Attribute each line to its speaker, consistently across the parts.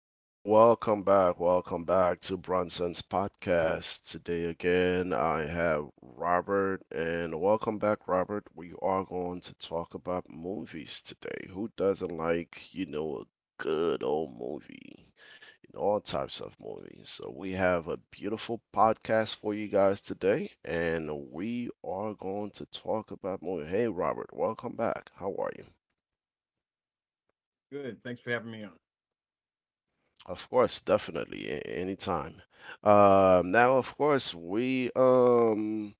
Speaker 1: hello. Welcome back. Welcome back to Bronson's podcast. Today again, I have Robert, and welcome back, Robert. We are going to talk about movies today. Who doesn't like, a good old movie? You know, all types of movies. So, we have a beautiful podcast for you guys today, and we are going to talk about movies. Hey, Robert, welcome back. How are you?
Speaker 2: Good. Thanks for having me on.
Speaker 1: Of course, definitely, anytime. Now, of course, we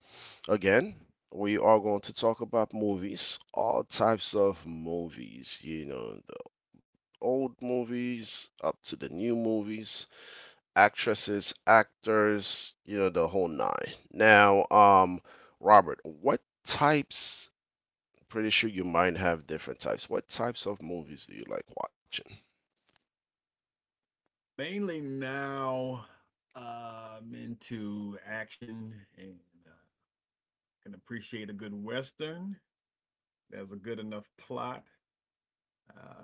Speaker 1: again we are going to talk about movies, all types of movies. You know, the old movies up to the new movies, actresses, actors. You know, the whole nine. Robert, what types? Pretty sure you might have different types. What types of movies do you like watching?
Speaker 2: Mainly now, I'm into action and uh, can appreciate a good Western. There's a good enough plot. Uh,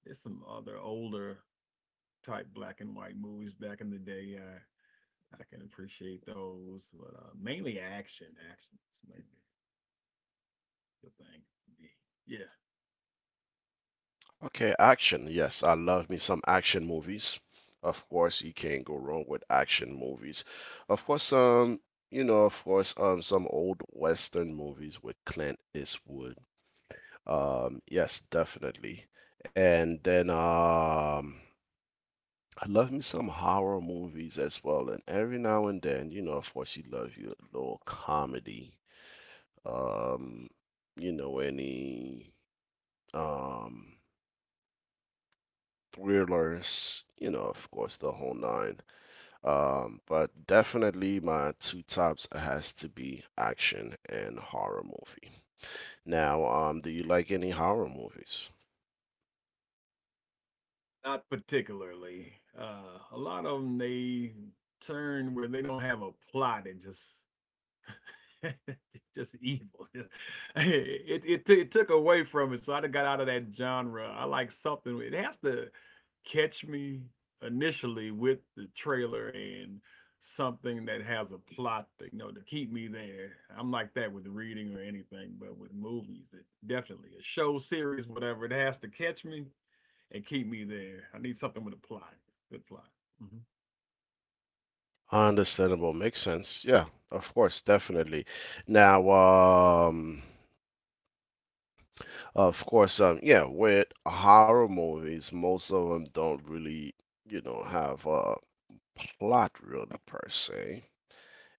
Speaker 2: there's some other older type black and white movies back in the day. I can appreciate those, but mainly action. Action is mainly the thing for me. Yeah,
Speaker 1: Okay, action. Yes, I love me some action movies. Of course, you can't go wrong with action movies. Of course, um, you know, some old Western movies with Clint Eastwood. Yes, definitely. And then, um, I love me some horror movies as well, and every now and then, you know, of course, you love your little comedy. Um, you know, any um thrillers, you know, of course, the whole nine. But definitely my two tops has to be action and horror movie. Do you like any horror movies?
Speaker 2: not particularly. A lot of them they turn where they don't have a plot. It just Just evil. Just- It took away from it, so I done got out of that genre. I like something. It has to catch me initially with the trailer and something that has a plot, to, you know, to keep me there. I'm like that with reading or anything, but with movies, it definitely a show, series, whatever. It has to catch me and keep me there. I need something with a plot, good plot. Mhm.
Speaker 1: Understandable, makes sense. Yeah, of course, definitely. Now. Of course, yeah, with horror movies, most of them don't really, you know, have a plot really per se.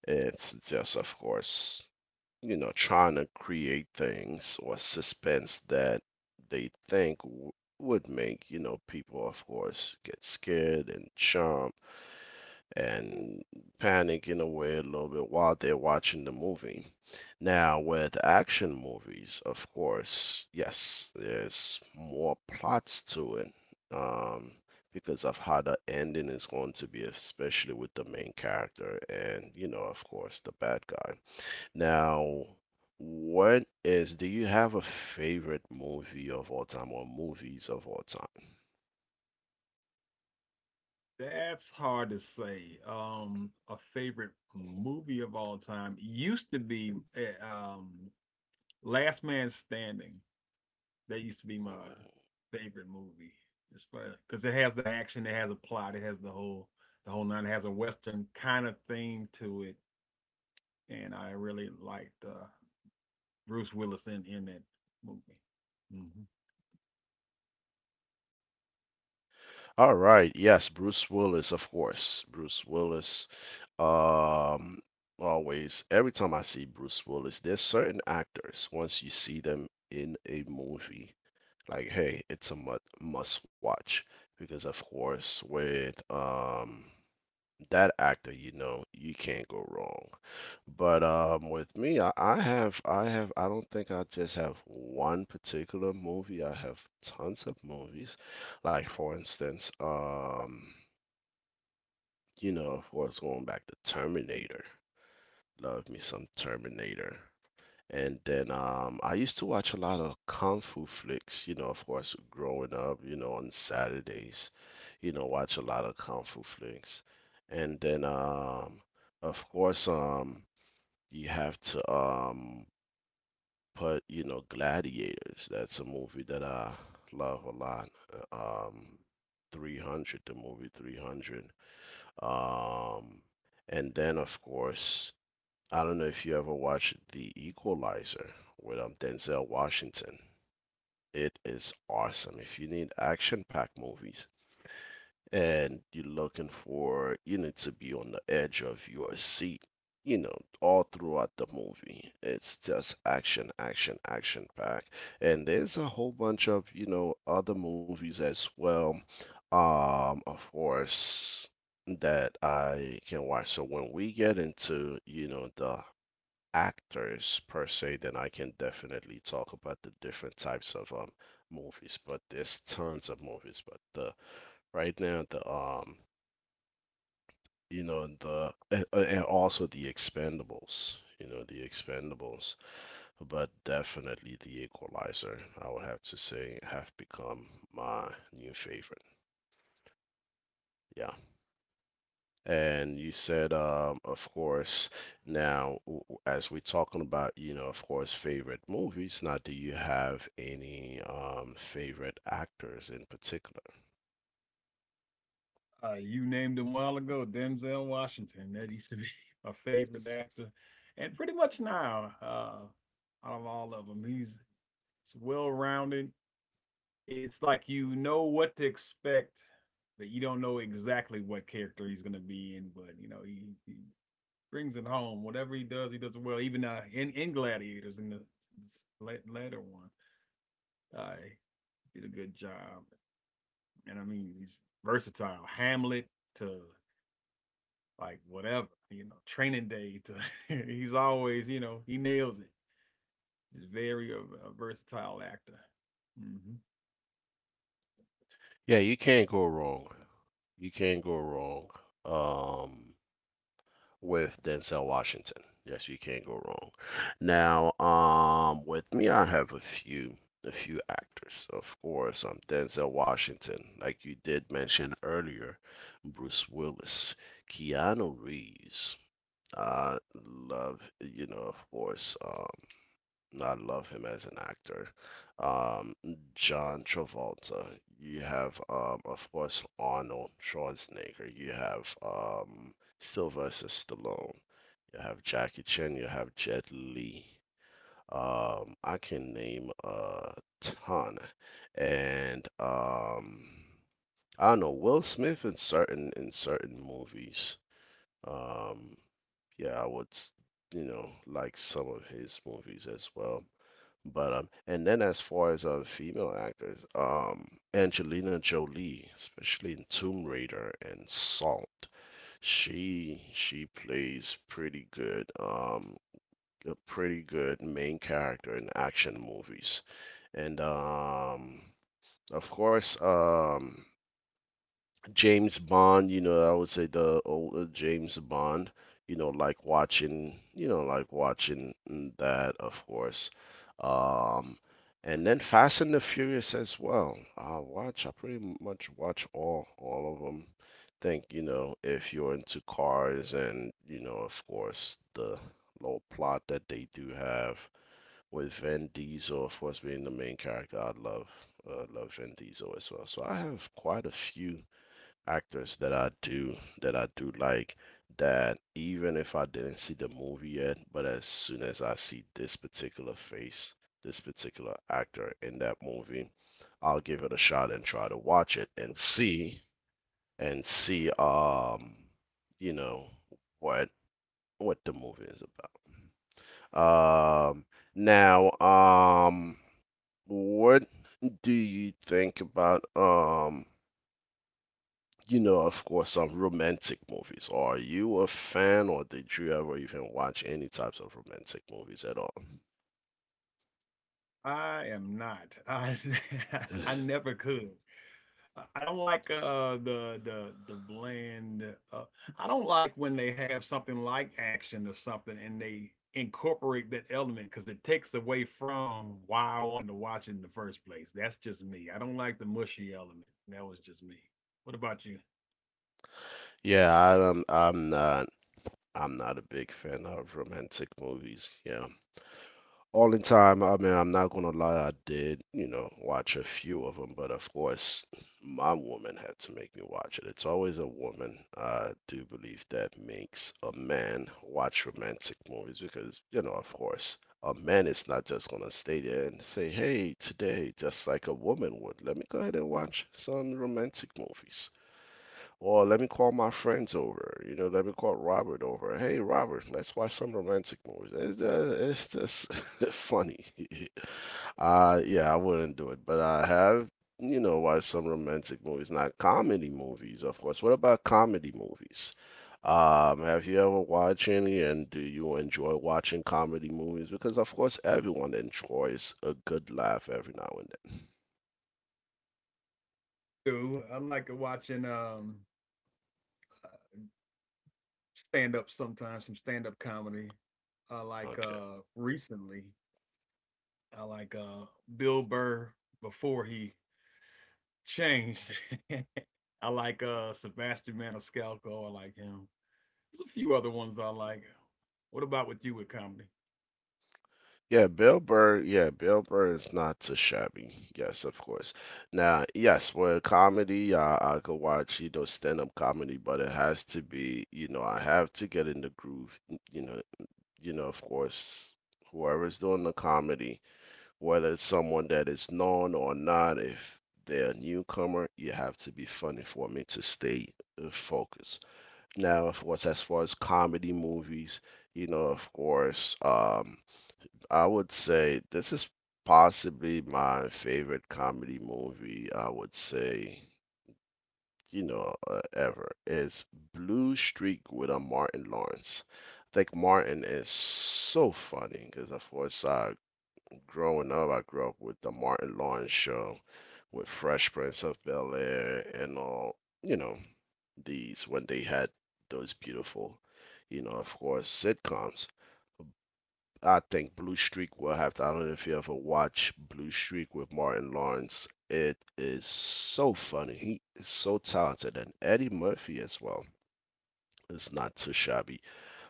Speaker 1: It's just, of course, you know, trying to create things or suspense that they think would make, you know, people, of course, get scared and jump and panic in a way a little bit while they're watching the movie. Now, with action movies, of course, yes, there's more plots to it um, because of how the ending is going to be, especially with the main character and, you know, of course, the bad guy. Now, do you have a favorite movie of all time or movies of all time?
Speaker 2: That's hard to say. A favorite movie of all time used to be Last Man Standing. That used to be my favorite movie. It's fun because it has the action, it has a plot, it has the whole nine. It has a western kind of theme to it, and I really liked Bruce Willis in that movie. Mhm.
Speaker 1: All right, yes, Bruce Willis, of course. Bruce Willis Um, Always, every time I see Bruce Willis, there's certain actors, once you see them in a movie, like, hey, it's a mu must watch. Because, of course, with that actor, you know, you can't go wrong. But with me, I don't think I just have one particular movie. I have tons of movies. Like, for instance, um, you know, of course, going back to Terminator. Love me some Terminator. And then I used to watch a lot of kung fu flicks, you know, of course, growing up, you know, on Saturdays, you know, watch a lot of kung fu flicks. And then, of course, you have to put, you know, Gladiators. That's a movie that I love a lot. Uh, Um, 300, the movie 300. Um, and then, of course, I don't know if you ever watched The Equalizer with Denzel Washington. It is awesome. If you need action-packed movies and you're looking for, you need to be on the edge of your seat, you know, all throughout the movie. It's just action, action, action packed. And there's a whole bunch of, you know, other movies as well. Of course, that I can watch. So when we get into, you know, the actors per se, then I can definitely talk about the different types of movies. But there's tons of movies. But the right now the you know the And also the Expendables. You know the Expendables, but definitely the Equalizer. I would have to say have become my new favorite. Yeah. And you said, of course, now, as we're talking about, you know, of course, favorite movies, now, do you have any favorite actors in particular?
Speaker 2: You named him a while ago, Denzel Washington. That used to be my favorite actor, and pretty much now, out of all of them, he's well-rounded. It's like you know what to expect, but you don't know exactly what character he's going to be in. But you know, he brings it home. Whatever he does it well. Even in Gladiators, in the later one, he did a good job. And I mean, he's versatile. Hamlet to like whatever, you know, training day to he's always, you know, he nails it. He's very a versatile actor. Hmm.
Speaker 1: Yeah, you can't go wrong. You can't go wrong. Um, with Denzel Washington. Yes, you can't go wrong. With me, I have a few actors. Denzel Washington, like you did mention earlier, Bruce Willis, Keanu Reeves. I love, you know, I love him as an actor. Um, John Travolta. You have, of course, Arnold Schwarzenegger. You have, Sylvester Stallone. You have Jackie Chan. You have Jet Li. I can name a ton, and I don't know Will Smith in certain movies. Um, yeah, I would you know like some of his movies as well. But and then as far as female actors, Angelina Jolie, especially in Tomb Raider and Salt, she plays pretty good. A pretty good main character in action movies. And um, of course, um, James Bond, you know, I would say the older James Bond, you know, like watching that, of course. Um, and then Fast and the Furious as well. I pretty much watch all of them. Think, you know, if you're into cars and, you know, of course, the little plot that they do have with Vin Diesel, of course, being the main character. I love love Vin Diesel as well. So I have quite a few actors that I do like that even if I didn't see the movie yet, but as soon as I see this particular face, this particular actor in that movie, I'll give it a shot and try to watch it and see and see um you know what what the movie is about. Now what do you think about you know, of course, some romantic movies? Are you a fan, or did you ever even watch any types of romantic movies at all?
Speaker 2: I am not. I I never could. I don't like the the bland uh I don't like when they have something like action or something and they incorporate that element because it takes away from why I wanted to watch it in the first place. That's just me. I don't like the mushy element. That was just me. What about you?
Speaker 1: Yeah, I, I'm not. I'm not a big fan of romantic movies. Yeah. All in time, I mean, I'm not gonna lie, I did, you know, watch a few of them, but of course, my woman had to make me watch it. It's always a woman, I do believe, that makes a man watch romantic movies because, you know, of course, a man is not just gonna stay there and say, hey, today, just like a woman would, let me go ahead and watch some romantic movies. Or let me call my friends over. You know, let me call Robert over. Hey, Robert, let's watch some romantic movies. It's just funny. Yeah, I wouldn't do it, but I have, you know, watched some romantic movies, not comedy movies, of course. What about comedy movies? Have you ever watched any, and do you enjoy watching comedy movies? Because of course, everyone enjoys a good laugh every now and
Speaker 2: Do. I like watching stand up sometimes, some stand up comedy. I
Speaker 1: then.
Speaker 2: like
Speaker 1: Okay.
Speaker 2: recently, I like Bill Burr before he changed. I like Sebastian Maniscalco. I like him. There's a few other ones I like. What about with you with comedy?
Speaker 1: Yeah, Bill Burr. Yeah, Bill Burr is not too shabby. Yes, of course. Now, yes, for comedy, I could watch, you know, stand-up comedy, but it has to be, you know, I have to get in the groove, you know, of course, whoever's doing the comedy, whether it's someone that is known or not, if they're a newcomer, you have to be funny for me to stay focused. Now, of course, as far as comedy movies, you know, of course, um, I would say this is possibly my favorite comedy movie, I would say, ever, is Blue Streak with a Martin Lawrence. I think Martin is so funny because, of course, I grew up with the Martin Lawrence show with Fresh Prince of Bel-Air and all, you know, these when they had those beautiful, you know, of course, sitcoms. I think Blue Streak will have to. I don't know if you ever watch Blue Streak with Martin Lawrence. It is so funny. He is so talented, and Eddie Murphy as well. It's not too shabby.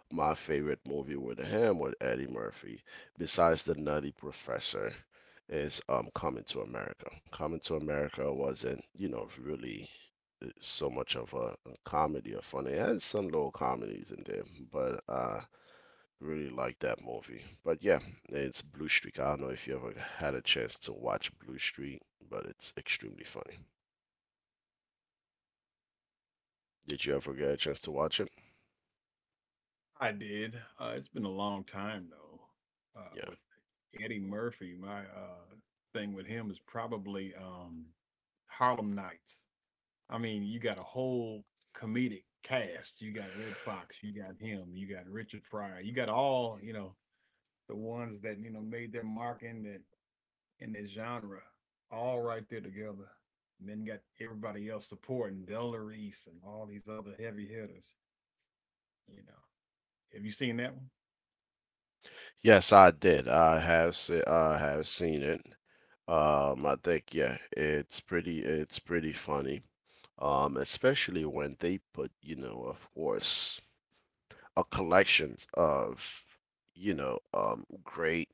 Speaker 1: My favorite movie with him with Eddie Murphy, besides The Nutty Professor, is Coming to America. Coming to America wasn't, you know, really so much of a comedy or funny. It had some little comedies in there, but really like that movie. But yeah, it's Blue Streak. I don't know if you ever had a chance to watch Blue Streak, but it's extremely funny. Did you ever get a chance to watch it?
Speaker 2: I did. It's been a long time though.
Speaker 1: Yeah.
Speaker 2: With Eddie Murphy, my thing with him is probably Harlem Nights. I mean, you got a whole comedic cast. You got Red Fox, you got him, you got Richard Pryor, you got all, you know, the ones that, you know, made their mark in that genre, all right there together. And then got everybody else supporting Delta Reese and all these other heavy hitters, you know. Have you seen that one?
Speaker 1: Yes, I did. I have seen it. I think yeah, it's pretty funny. Especially when they put, you know, of course, a collection of, you know, great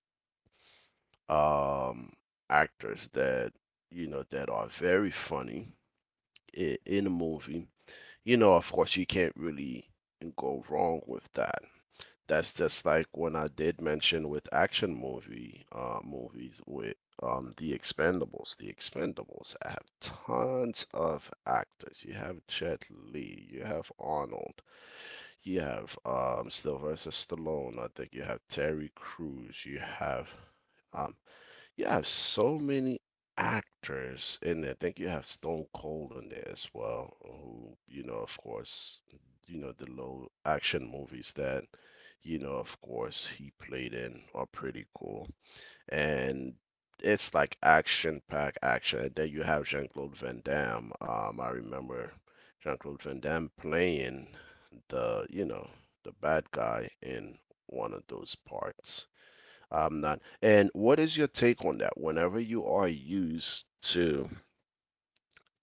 Speaker 1: um actors that you know that are very funny in a movie, you know, of course, you can't really go wrong with that. That's just like when I did mention with action movies with The Expendables. The Expendables have tons of actors. You have Jet Li, you have Arnold, you have Sylvester Stallone. I think you have Terry Crews, you have. Um, you have so many actors in there. I think you have Stone Cold in there as well, who, you know, of course, the low action movies that, of course, he played in are pretty cool. And it's like action pack action. And then you have Jean-Claude Van Damme. I remember Jean-Claude Van Damme playing the, you know, the bad guy in one of those parts. I'm not. And what is your take on that? Whenever you are used to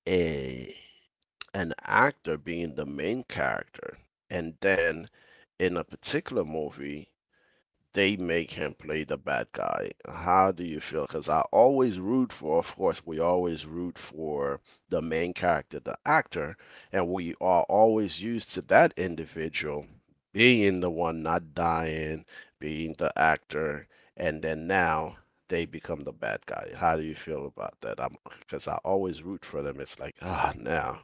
Speaker 1: a an actor being the main character, and then in a particular movie they make him play the bad guy. How do you feel? Because I always root for, of course, we always root for the main character, the actor, and we are always used to that individual being the one not dying, being the actor, and then now they become the bad guy. How do you feel about that? I'm because I always root for them. It's like, ah, now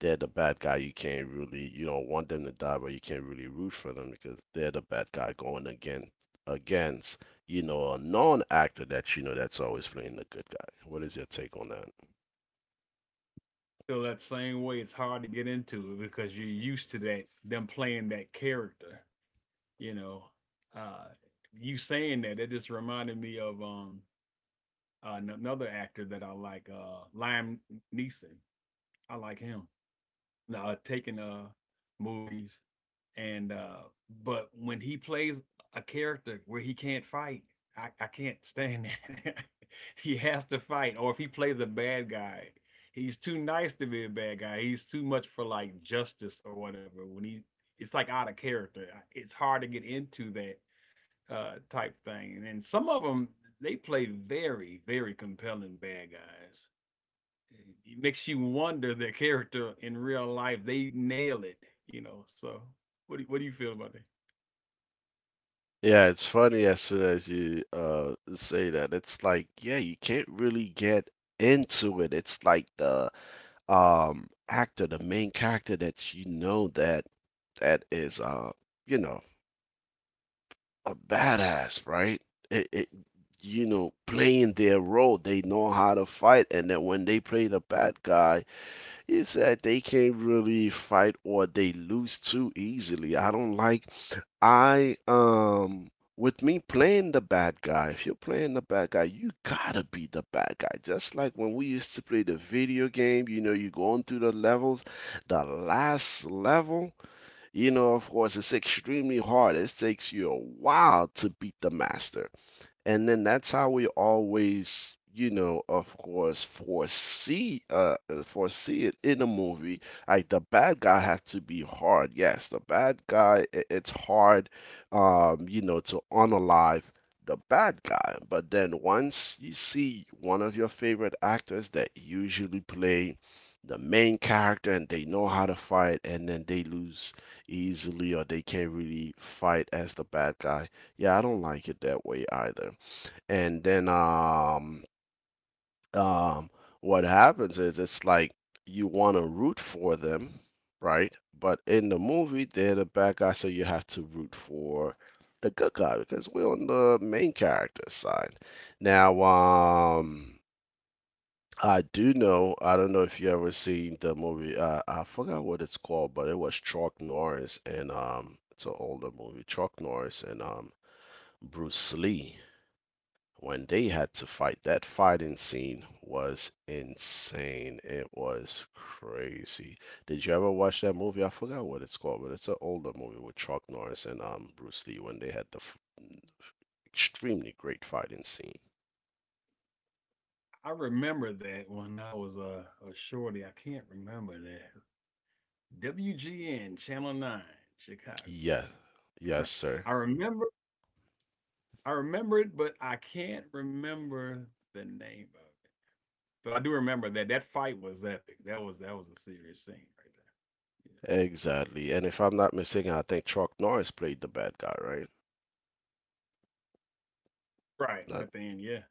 Speaker 1: they're the bad guy. You can't really, you don't want them to die, but you can't really root for them because they're the bad guy going again against, a non-actor that you know that's always playing the good guy. What is your take on that?
Speaker 2: Feel that same way, it's hard to get into it because you're used to that, them playing that character, you know. Uh you saying that, it just reminded me of another actor that I like, Liam Neeson. I like him. Now, taking movies and but when he plays a character where he can't fight, I can't stand that. He has to fight, or if he plays a bad guy, he's too nice to be a bad guy. He's too much for like justice or whatever. It's like out of character. It's hard to get into that type thing. And then some of them, they play very, very compelling bad guys. It makes you wonder their character in real life. They nail it, you know. So, what do you feel about that?
Speaker 1: Yeah, it's funny as soon as you say that. It's like, yeah, you can't really get into it. It's like the actor, the main character that you know that is you know a badass, right? It, it, playing their role. They know how to fight, and then when they play the bad guy, it's that they can't really fight or they lose too easily. I don't like. I. With me playing the bad guy, if you're playing the bad guy, you gotta be the bad guy. Just like when we used to play the video game, you know, you're going through the levels. The last level, you know, of course, it's extremely hard. It takes you a while to beat the master. And then that's how we always, you know, of course, foresee it in a movie. Like the bad guy has to be hard. Yes, the bad guy, it's hard, you know, to unalive the bad guy. But then once you see one of your favorite actors that usually play the main character and they know how to fight and then they lose easily or they can't really fight as the bad guy. Yeah, I don't like it that way either. And then um what happens is it's like you want to root for them, right? But in the movie, they're the bad guy, so you have to root for the good guy because we're on the main character side. Now, I do know, I don't know if you ever seen the movie, I forgot what it's called, but it was Chuck Norris and it's an older movie, Chuck Norris and Bruce Lee. When they had to fight, that fighting scene was insane. It was crazy. Did you ever watch that movie? I forgot what it's called, but it's an older movie with Chuck Norris and Bruce Lee when they had the extremely great fighting scene.
Speaker 2: I remember that when I was a shorty. I can't remember that. WGN Channel 9, Chicago.
Speaker 1: Yeah,
Speaker 2: I
Speaker 1: yes, sir.
Speaker 2: I remember I remember it, but I can't remember the name of it. But I do remember that that fight was epic. That was a serious scene right there. Yeah.
Speaker 1: Exactly. And if I'm not mistaken, I think Chuck Norris played the bad guy, right?
Speaker 2: Right,
Speaker 1: Not
Speaker 2: at the end, yeah.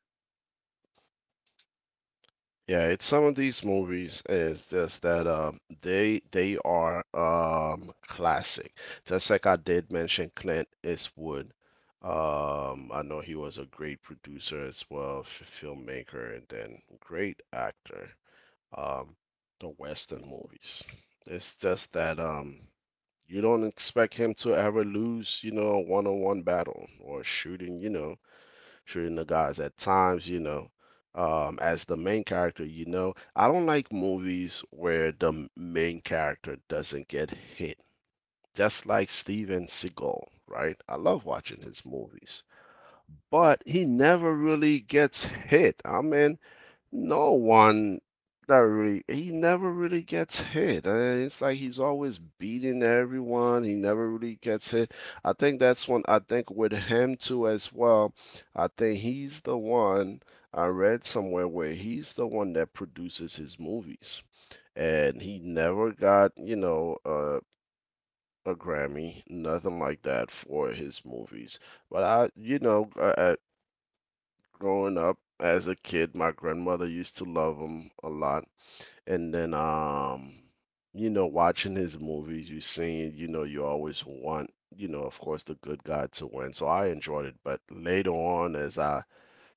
Speaker 1: Yeah, it's some of these movies is just that they are classic. Just like I did mention Clint Eastwood. I know he was a great producer as well, f filmmaker and then great actor. Um the Western movies. It's just that you don't expect him to ever lose, you know, a one-on-one battle or shooting, you know, shooting the guys at times, you know. As the main character, you know, I don't like movies where the main character doesn't get hit. Just like Steven Seagal, right? I love watching his movies, but he never really gets hit. I mean, no one that really he never really gets hit. And it's like he's always beating everyone. He never really gets hit. I think that's one I think with him too as well. I think he's the one I read somewhere where he's the one that produces his movies. And he never got, you know, a Grammy, nothing like that for his movies. But I, you know, growing up as a kid, my grandmother used to love him a lot, and then you know, watching his movies, you seen, you know, you always want, you know, of course, the good guy to win, so I enjoyed it. But later on, as I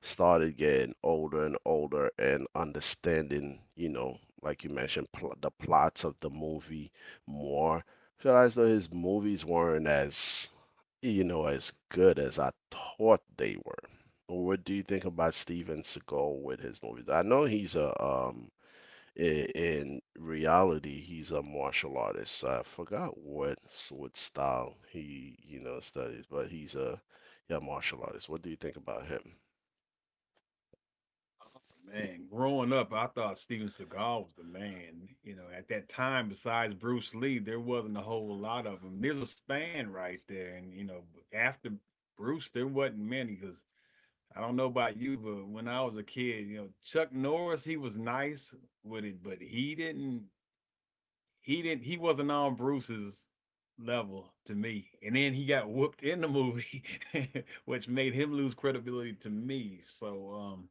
Speaker 1: started getting older and older and understanding, you know, like you mentioned, the plots of the movie more, feel as though his movies weren't as, you know, as good as I thought they were. What do you think about Steven Seagal with his movies? I know he's a in reality, he's a martial artist. So I forgot what style he, you know, studies, but he's a yeah martial artist. What do you think about him?
Speaker 2: Oh, man, growing up, I thought Steven Seagal was the man, you know, at that time, besides Bruce Lee, there wasn't a whole lot of them. There's a span right there, and, you know, after Bruce, there wasn't many. Cause I don't know about you, but when I was a kid, you know, Chuck Norris, he was nice with it, but he wasn't on Bruce's level to me, and then he got whooped in the movie, which made him lose credibility to me, so,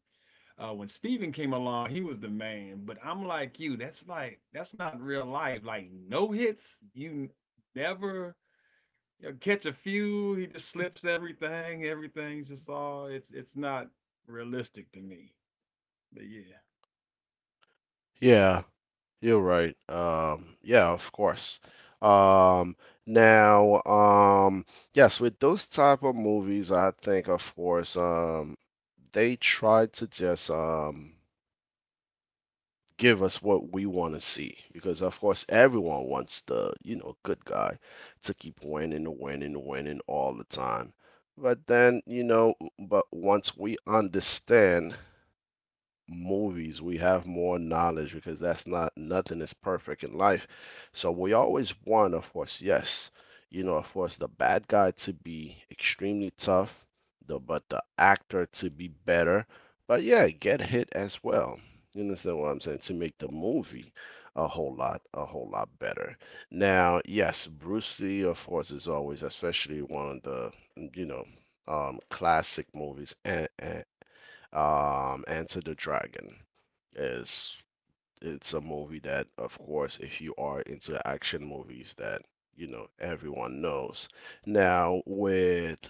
Speaker 2: When Steven came along, he was the man. But I'm like you. That's like that's not real life. Like no hits. You never, you know, catch a few. He just slips everything. Everything's just all. It's not realistic to me. But yeah,
Speaker 1: Yeah, you're right. Yeah, of course. Um, now, um, yes, with those type of movies, I think of course, they try to just give us what we want to see because of course everyone wants the, you know, good guy to keep winning winning winning all the time, but then, you know, but once we understand movies, we have more knowledge because that's not nothing is perfect in life. So we always want, of course, yes, you know, of course, the bad guy to be extremely tough, the but the actor to be better, but yeah, get hit as well. You understand what I'm saying? To make the movie a whole lot better. Now, yes, Bruce Lee, of course, is always, especially one of the, you know, classic movies, and Enter the Dragon is it's a movie that of course if you are into action movies that, you know, everyone knows. Now with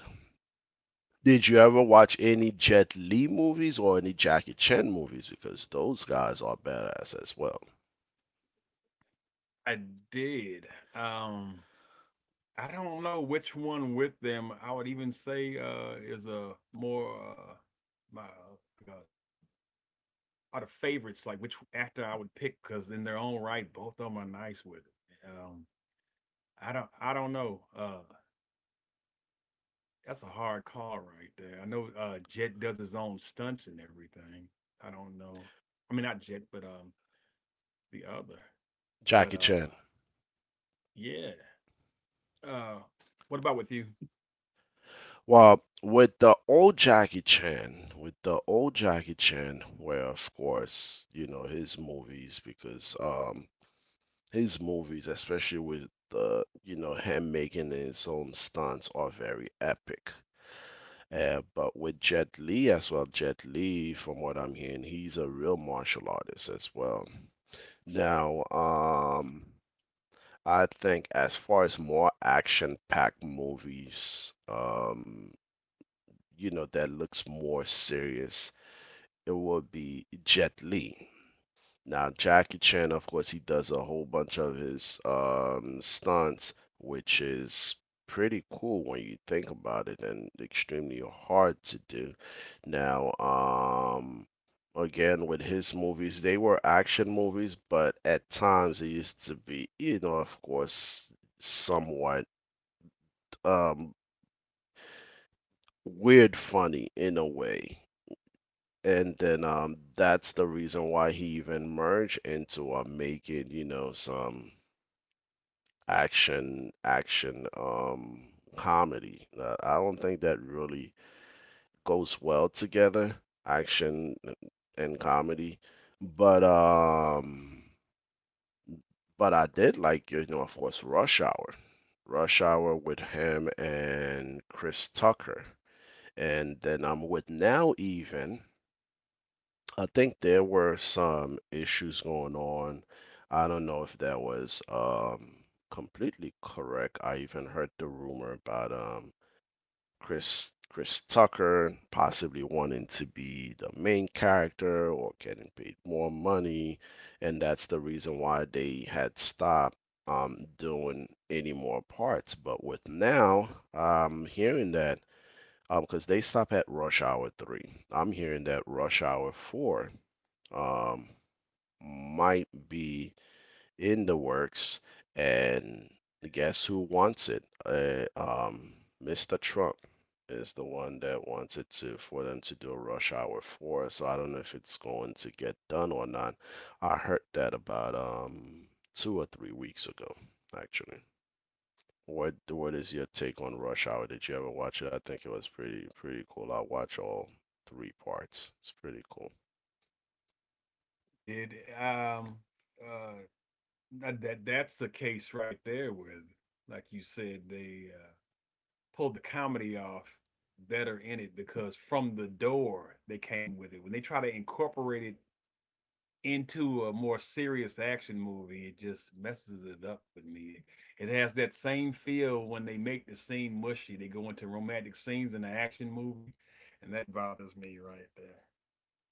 Speaker 1: Did you ever watch any Jet Li movies or any Jackie Chan movies? Because those guys are badass as well.
Speaker 2: I did. Um, I don't know which one with them. I would even say is a more my like a out of favorites. Like which actor I would pick because in their own right, both of them are nice with it. I don't know. That's a hard call right there. I know Jet does his own stunts and everything. I don't know. I mean not Jet, but the other.
Speaker 1: Jackie
Speaker 2: But
Speaker 1: Chan.
Speaker 2: yeah. Uh what about with you?
Speaker 1: Well, with the old Jackie Chan, where of course, you know, his movies, because especially with the, you know, him making his own stunts, are very epic. But with Jet Li as well, Jet Li, from what I'm hearing, he's a real martial artist as well. Now, I think as far as more action-packed movies, you know, that looks more serious, it would be Jet Li. Now, Jackie Chan, of course, he does a whole bunch of his stunts, which is pretty cool when you think about it and extremely hard to do. Now, again, with his movies, they were action movies, but at times they used to be, you know, of course, somewhat um, weird funny in a way. And then that's the reason why he even merged into making, you know, some action comedy. I don't think that really goes well together, action and comedy. But um but I did like, you know, of course, Rush Hour. Rush Hour with him and Chris Tucker. And then I'm with Now Even I think there were some issues going on. I don't know if that was completely correct. I even heard the rumor about Chris Tucker possibly wanting to be the main character or getting paid more money, and that's the reason why they had stopped doing any more parts. But with now, I'm hearing that because they stop at Rush Hour 3. I'm hearing that Rush Hour 4 um, might be in the works, and guess who wants it? Mr. Trump is the one that wants it to for them to do a rush hour four. So I don't know if it's going to get done or not. I heard that about 2 or 3 weeks ago, actually. What is your take on Rush Hour? Did you ever watch it? I think it was pretty pretty cool. I watch all three parts. It's pretty cool.
Speaker 2: It um uh that's the case right there where like you said they pulled the comedy off better in it because from the door they came with it. When they try to incorporate it into a more serious action movie, it just messes it up with me. It has that same feel when they make the scene mushy. They go into romantic scenes in an action movie, and that bothers me right there.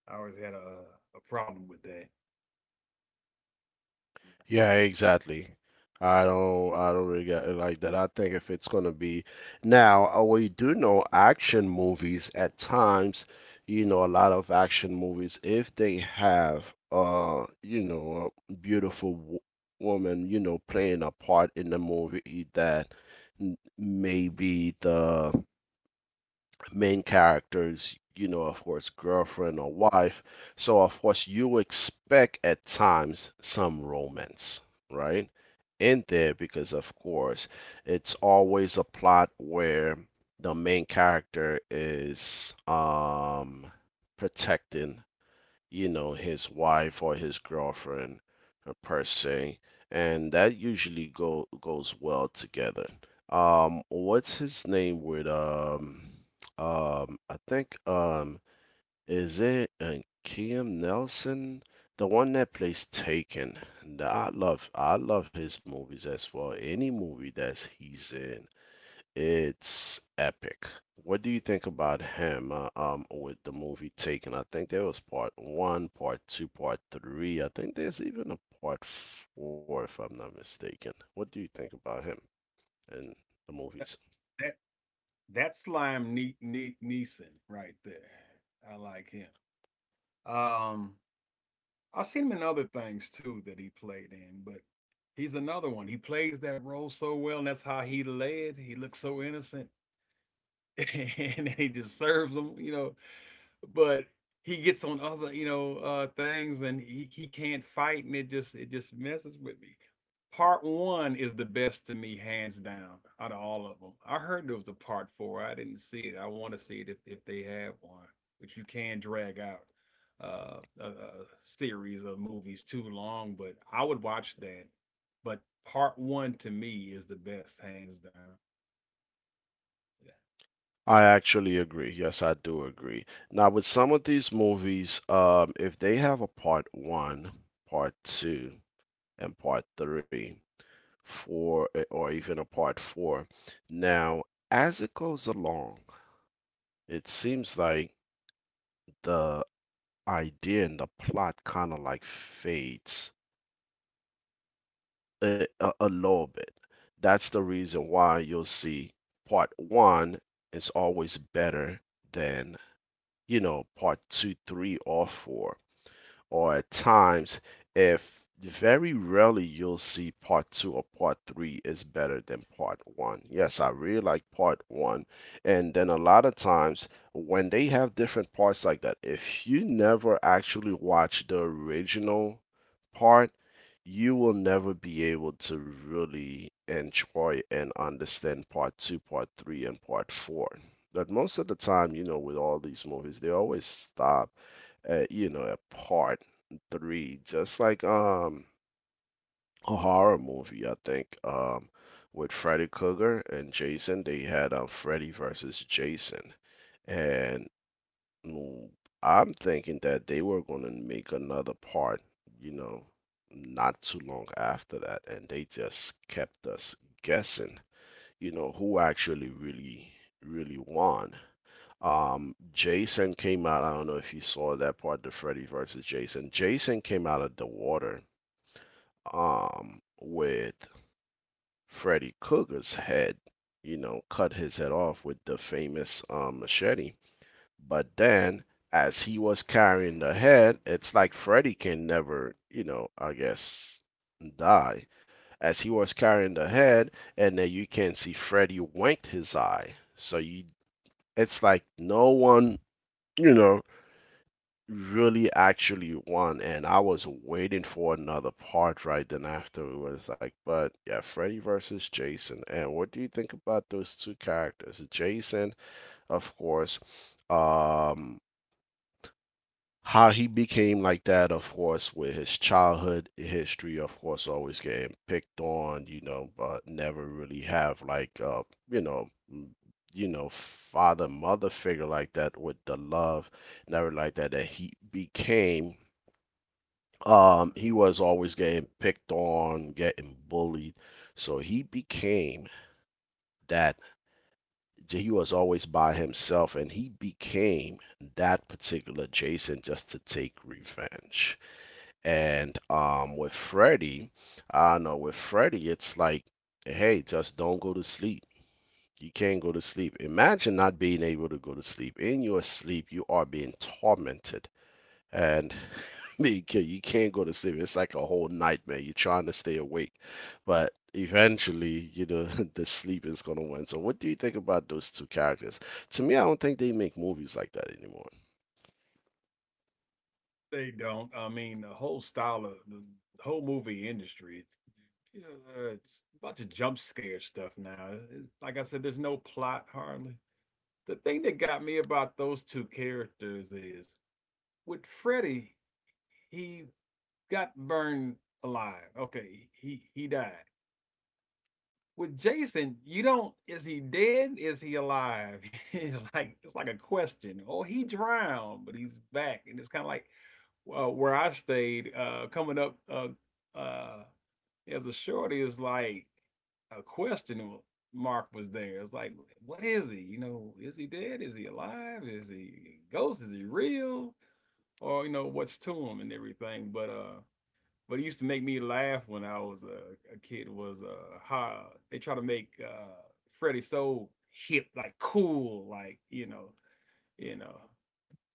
Speaker 2: I always had a problem with that. Yeah.
Speaker 1: Yeah, exactly. I don't really get it like that. I think if it's gonna be now, we do know action movies at times, you know, a lot of action movies, if they have you know, a beautiful w woman, you know, playing a part in the movie that maybe the main characters, you know, of course, girlfriend or wife. So, of course, you expect at times some romance, right? In there, because, of course, it's always a plot where the main character is protecting, his wife or his girlfriend, per se, and that usually go goes well together. What's his name with I think is it, Kim Nelson, the one that plays Taken. And I love his movies as well. Any movie that he's in, it's epic. What do you think about him with the movie Taken? I think there was part one, part two, part three. I think there's even a part four, if I'm not mistaken. What do you think about him and the
Speaker 2: That
Speaker 1: movies?
Speaker 2: that, that slime Neeson right there. I like him. Um, I've seen him in other things too that he played in, but he's another one. He plays that role so well, and that's how he led. He looks so innocent and he just serves them, you know. But he gets on other, you know, things, and he can't fight, and it just messes with me. Part one is the best to me, hands down, out of all of them. I heard there was a part four. I didn't see it. I want to see it if they have one, which you can drag out a series of movies too long, but I would watch that. But part one to me is the best, hands down.
Speaker 1: I actually agree. Yes, I do agree. Now, with some of these movies, if they have a part one, part two, and part three, four, or even a part four, now, as it goes along. It seems like the idea and the plot kind of like fades a little bit. That's the reason why you'll see part one is always better than, part two, three, or four. Or at times, if very rarely, you'll see part two or part three is better than part one. Yes, I really like part one. And then a lot of times, when they have different parts like that, if you never actually watch the original part, you will never be able to really enjoy and understand part two, part three, and part four. But most of the time, with all these movies, they always stop at you know at part three, just like a horror movie, I think. With Freddy Krueger and Jason, they had Freddy versus Jason, and mm, I'm thinking that they were gonna make another part, you know, not too long after that, and they just kept us guessing, who actually really won. Jason came out. I don't know if you saw that part, the Freddy versus Jason. Jason came out of the water, with Freddy Cougar's head, cut his head off with the famous, machete. But then, as he was carrying the head, it's like Freddy can never, I guess, die. As he was carrying the head, and then you can see Freddy winked his eye. It's like no one, you know really actually won, and I was waiting for another part right then after. It was like, but yeah, Freddy versus Jason. And what do you think about those two characters? Jason, of course, um, how he became like that, of course, with his childhood history, of course, always getting picked on, but never really have, like, you know. m- You know, father, mother figure like that with the love, never like that. That he was always getting picked on, getting bullied. So he became that, he was always by himself, and he became that particular Jason just to take revenge. And, with Freddy, I know, with Freddy, it's like, hey, just don't go to sleep. You can't go to sleep. Imagine not being able to go to sleep. In your sleep, you are being tormented. And I mean, you can't go to sleep. It's like a whole nightmare. You're trying to stay awake, but eventually, you know, the sleep is gonna win. So, what do you think about those two characters? To me, I don't think they make movies like that anymore.
Speaker 2: They don't. I mean, the whole style of the whole movie industry, it's you know, it's a bunch of jump scare stuff now. It- like I said, there's no plot hardly. The thing that got me about those two characters is with Freddy, he got burned alive. Okay, he died. With Jason, you don't, is he dead? Is he alive? It's like a question. Oh, he drowned, but he's back, and it's kind of like where I stayed coming up uh, as a shorty is like a question mark was there. It's like, what is he? You know, is he dead? Is he alive? Is he a ghost? Is he real? Or you know, what's to him and everything? But what used to make me laugh when I was a kid was how they try to make Freddie so hip, like cool, like you know,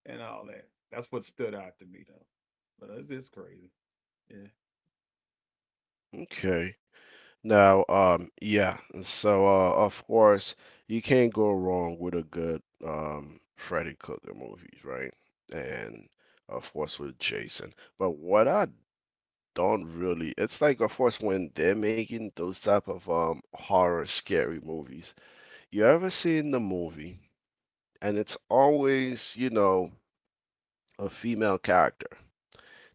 Speaker 2: and all that. That's what stood out to me though. But it's crazy. Yeah.
Speaker 1: Okay. Now, yeah. So, of course, you can't go wrong with a good Freddy Krueger movies, right? And of course, with Jason. But what I don't really. It's like, of course, when they're making those type of horror scary movies. You ever seen the movie, and it's always, a female character.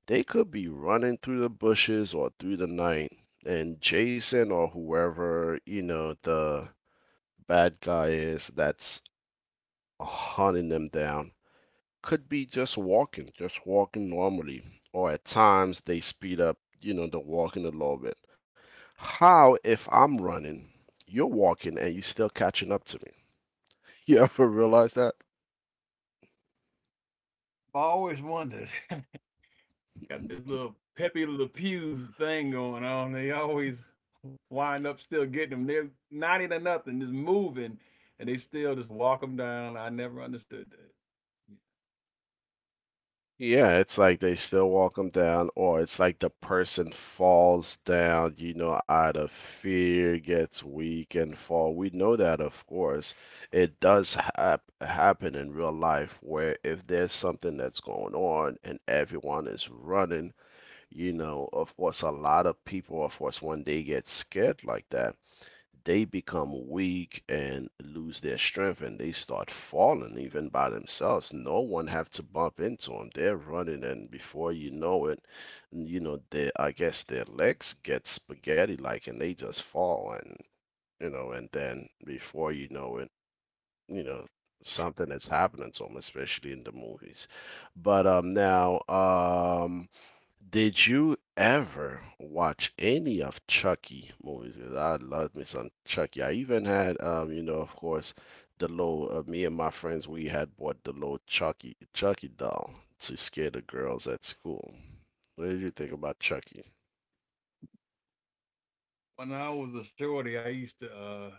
Speaker 1: They could be running through the bushes or through the night, and Jason or whoever, the bad guy is, that's hunting them down, could be just walking normally. Or at times they speed up, the walking a little bit. How, if I'm running, you're walking, and you still catching up to me? You ever realize that?
Speaker 2: I've always wondered. Got this little Pepe Le Pew thing going on. They always wind up still getting them. They're 90 to nothing, just moving, and they still just walk them down. I never understood that. Yeah.
Speaker 1: Yeah, it's like they still walk them down, or it's like the person falls down, out of fear, gets weak and fall. We know that, of course. It does happen in real life, where if there's something that's going on and everyone is running, of course, a lot of people, of course, when they get scared like that, they become weak and lose their strength, and they start falling even by themselves. No one have to bump into them. They're running, and before you know it, they, I guess, their legs get spaghetti like, and they just fall. And and then, before you know it, you know something is happening to them, especially in the movies. But now, did you ever watch any of Chucky movies? 'Cause I loved me some Chucky. I even had, of course, the little. Me and my friends, we had bought the little Chucky doll to scare the girls at school. What did you think about Chucky?
Speaker 2: When I was a shorty, I used to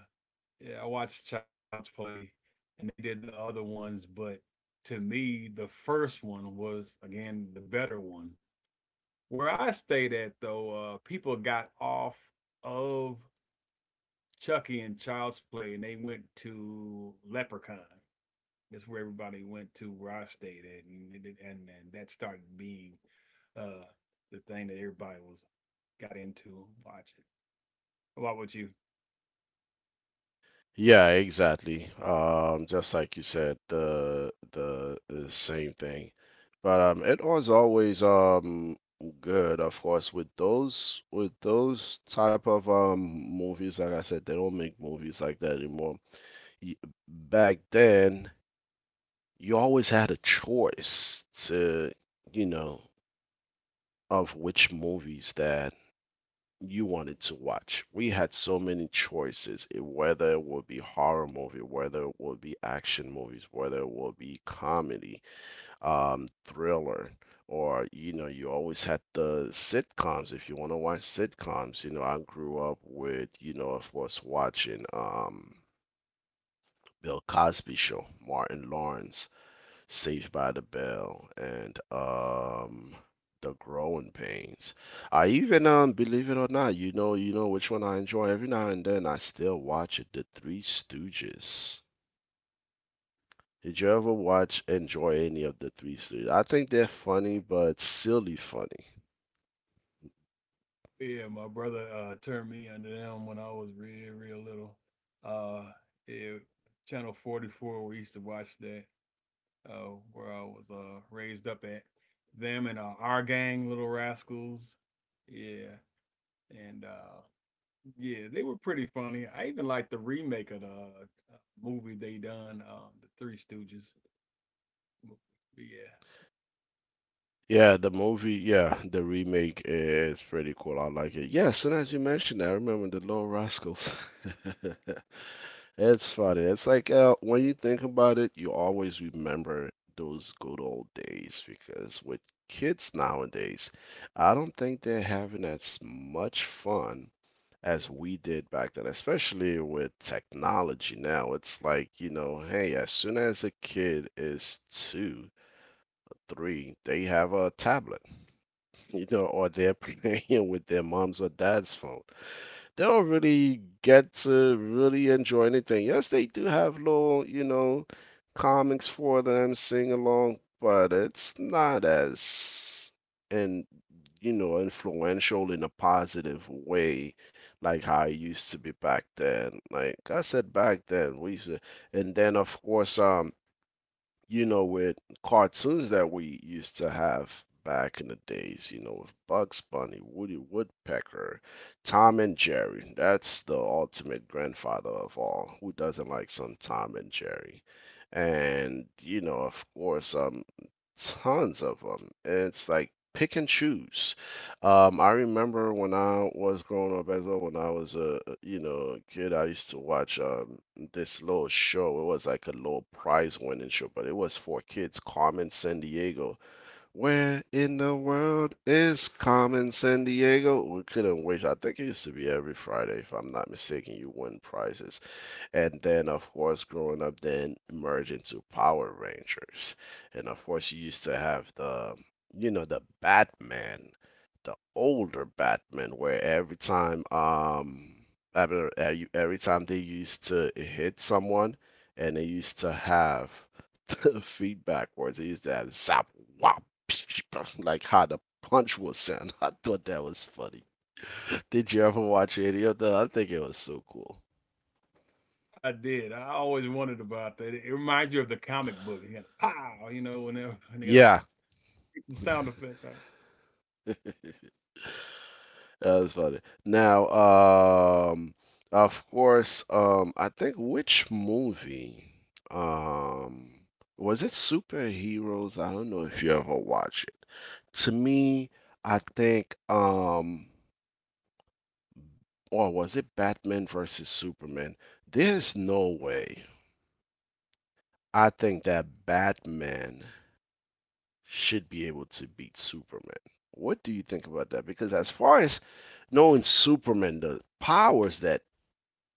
Speaker 2: yeah, I watched Child's Play and they did the other ones, but to me, the first one was again the better one. Where I stayed at though, people got off of Chucky and Child's Play and they went to Leprechaun. That's where everybody went to where I stayed at, and and that started being uh, the thing that everybody was got into watching. What about you?
Speaker 1: Yeah, exactly. Just like you said, the same thing. But, it was always good, of course, with those type of movies. Like I said, they don't make movies like that anymore. Y- Back then, you always had a choice to, you know, of which movies that you wanted to watch. We had so many choices, whether it would be horror movie, whether it would be action movies, whether it would be comedy, thriller, or, you always had the sitcoms. If you want to watch sitcoms, I grew up with, of course, watching, Bill Cosby show, Martin Lawrence, Saved by the Bell, and The Growing Pains. I even, believe it or not, you know which one I enjoy. Every now and then, I still watch it, The Three Stooges. Did you ever watch, enjoy any of the Three Stooges? I think they're funny, but silly funny.
Speaker 2: Yeah, my brother turned me under them when I was real, real little. Uh yeah, channel 44 we used to watch that where I was raised up at them and our gang little rascals. Yeah. And yeah, they were pretty funny. I even liked the remake of the movie they done the Three Stooges movie. Yeah.
Speaker 1: Yeah, the movie, yeah, the remake is pretty cool. I like it. Yeah, as soon as you mentioned that, I remember the Little Rascals. It's funny. It's like, when you think about it, you always remember those good old days, because with kids nowadays, I don't think they're having as much fun as we did back then, especially with technology now. It's like, hey, as soon as a kid is two, three, they have a tablet, or they're playing with their mom's or dad's phone. They don't really get to really enjoy anything. Yes, they do have little, comics for them, sing along, but it's not as, and, influential in a positive way like how it used to be back then. Like I said, back then, we used to, and then, of course, with cartoons that we used to have back in the days, with Bugs Bunny, Woody Woodpecker, Tom and Jerry. That's the ultimate grandfather of all. Who doesn't like some Tom and Jerry? And, of course, tons of them. And it's like pick and choose. I remember when I was growing up as well, when I was a, you know a kid, I used to watch this little show. It was like a little prize winning show, but it was for kids. Carmen San Diego. Where in the world is Carmen San Diego? We couldn't wait. I think it used to be every Friday, if I'm not mistaken. You win prizes. And then, of course, growing up, then merge into Power Rangers. And of course, you used to have the Batman, the older Batman, where every time, I mean, every time they used to hit someone, and they used to have the feedback words, they used to have zap, wop, like how the punch would sound. I thought that was funny. Did you ever watch any of that? I think it was so cool.
Speaker 2: I did. I always wondered about that. It reminds you of the comic book. You got a pow, you know, whenever when they got a
Speaker 1: Yeah,
Speaker 2: the sound effect. Out.
Speaker 1: that was funny. Now, of course, I think, which movie, um, was it Superheroes? I don't know if you ever watch it. To me, I think, or was it Batman versus Superman? There's no way. I think that Batman should be able to beat Superman. What do you think about that? Because, as far as knowing Superman, the powers that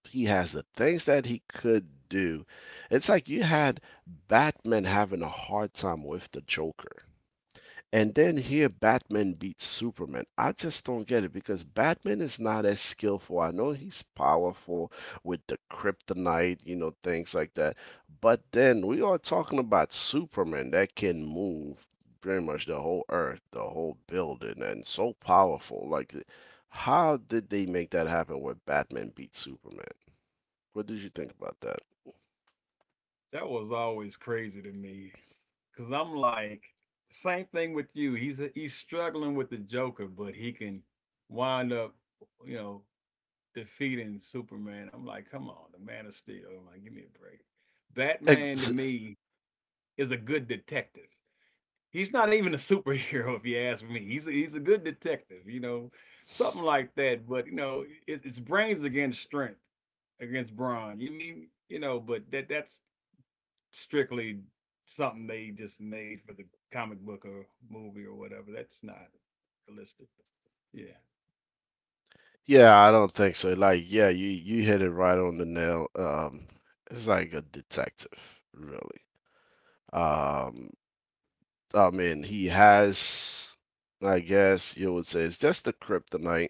Speaker 1: he has, the things that he could do. It's like you had Batman having a hard time with the Joker. And then here Batman beats Superman. I just don't get it, because Batman is not as skillful. I know he's powerful with the kryptonite, things like that. But then we are talking about Superman that can move pretty much the whole earth, the whole building, and so powerful. Like, how did they make that happen where Batman beat Superman? What did you think about that?
Speaker 2: That was always crazy to me, cause I'm like, same thing with you. He's struggling with the Joker, but he can wind up, you know, defeating Superman. I'm like, come on, the Man of Steel. I like, give me a break. Batman to
Speaker 1: Ex-
Speaker 2: me is a good detective. He's not even a superhero, if you ask me. He's a good detective, you know, something like that. But you know, it's brains against strength against brawn. You mean you know? But that's strictly something they just made for the comic book or movie or whatever. That's not realistic. Yeah,
Speaker 1: yeah, I don't think so. Like, yeah, you hit it right on the nail. It's like a detective, really. Um, I mean, he has, I guess you would say, it's just the kryptonite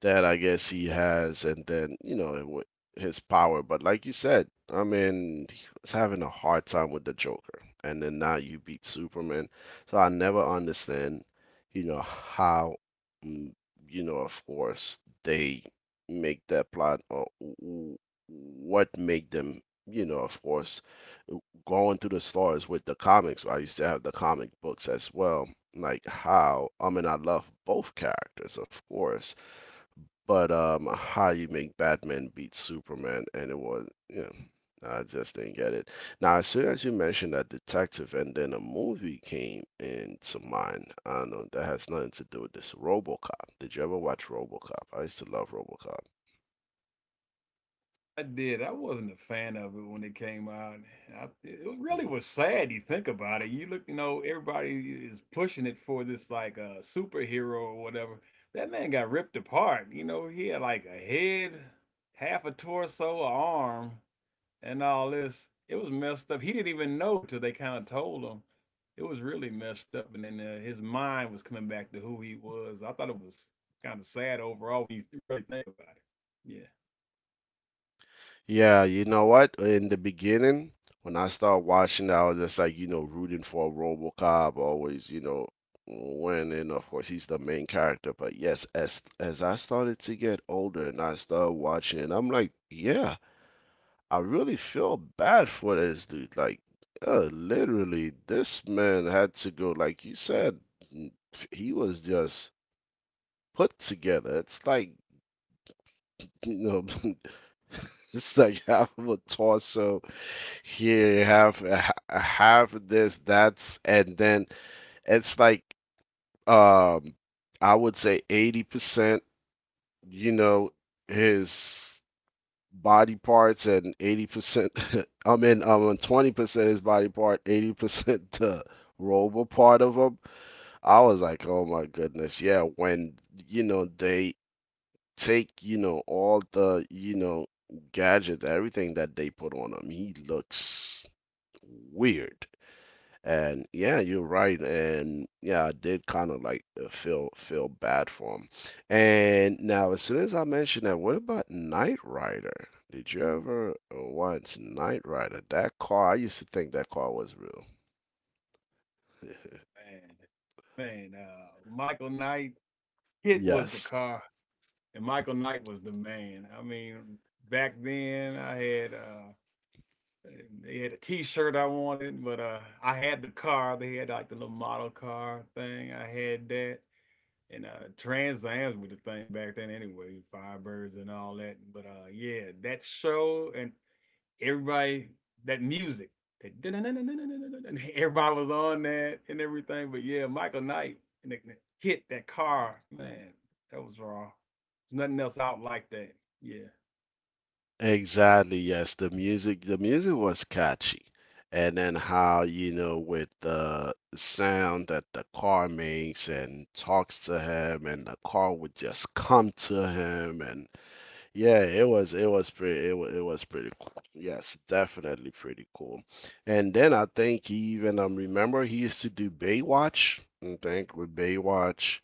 Speaker 1: that I guess he has, and then his power. But like you said, I mean, he was having a hard time with the Joker, and then now you beat Superman. So I never understand, you know, how, mm, you know, of course they make that plot what make them, you know, of course, going through the stars with the comics. I used to have the comic books as well. Like how, I mean, I love both characters, of course, but how you make Batman beat Superman, and it was, yeah, I just didn't get it. Now, as soon as you mentioned that detective, and then a movie came into mind. I don't know, that has nothing to do with this. RoboCop. Did you ever watch RoboCop? I used to love RoboCop.
Speaker 2: I did. I wasn't a fan of it when it came out. I, it really
Speaker 1: hmm
Speaker 2: was sad. You think about it. You look, you know, everybody is pushing it for this like superhero or whatever. That man got ripped apart. You know, he had like a head, half a torso, a arm. And all this. It was messed up. He didn't even know it till they kind of told him. It was really messed up, and then his mind was coming back to who he was. I thought it was kind of sad overall when you really think about it. Yeah,
Speaker 1: Yeah, you know what? In the beginning, when I started watching, I was just like, you know, rooting for RoboCop always, you know, winning. Of course, he's the main character. But yes, as I started to get older and I started watching it, I'm like, yeah, I really feel bad for this dude. Like, literally, this man had to go. Like you said, n- he was just put together. It's like, you know, it's like half of a torso, here you have this that's and then it's like um I would say 80% you know his body parts and 80% I mean 20% his body part, 80% the robot part of him. I was like, oh my goodness. Yeah, when you know they take, you know, all the, you know, gadgets, everything that they put on him, he looks weird. And yeah, you're right. And yeah, I did kind of like feel bad for him. And now, as soon as I mentioned that, what about Knight Rider? Did you ever watch Knight Rider? That car, I used to think that car was real.
Speaker 2: man. Michael Knight, Hit was the
Speaker 1: Yes,
Speaker 2: car, and Michael Knight was the man. I mean, back then I had. They had a T-shirt I wanted, but I had the car. They had like the little model car thing. I had that. And Trans Am's with the thing back then anyway, Firebirds and all that. But yeah, that show and everybody that music that everybody was on that and everything. But yeah, Michael Knight and the hit that car, man, that was raw. There's nothing else out like that. Yeah.
Speaker 1: exactly. Yes, the music was catchy. And then how, you know, with the sound that the car makes and talks to him, and the car would just come to him, and yeah, it was pretty cool. Yes, definitely pretty cool. And then I think he even remember he used to do Baywatch. I think with Baywatch,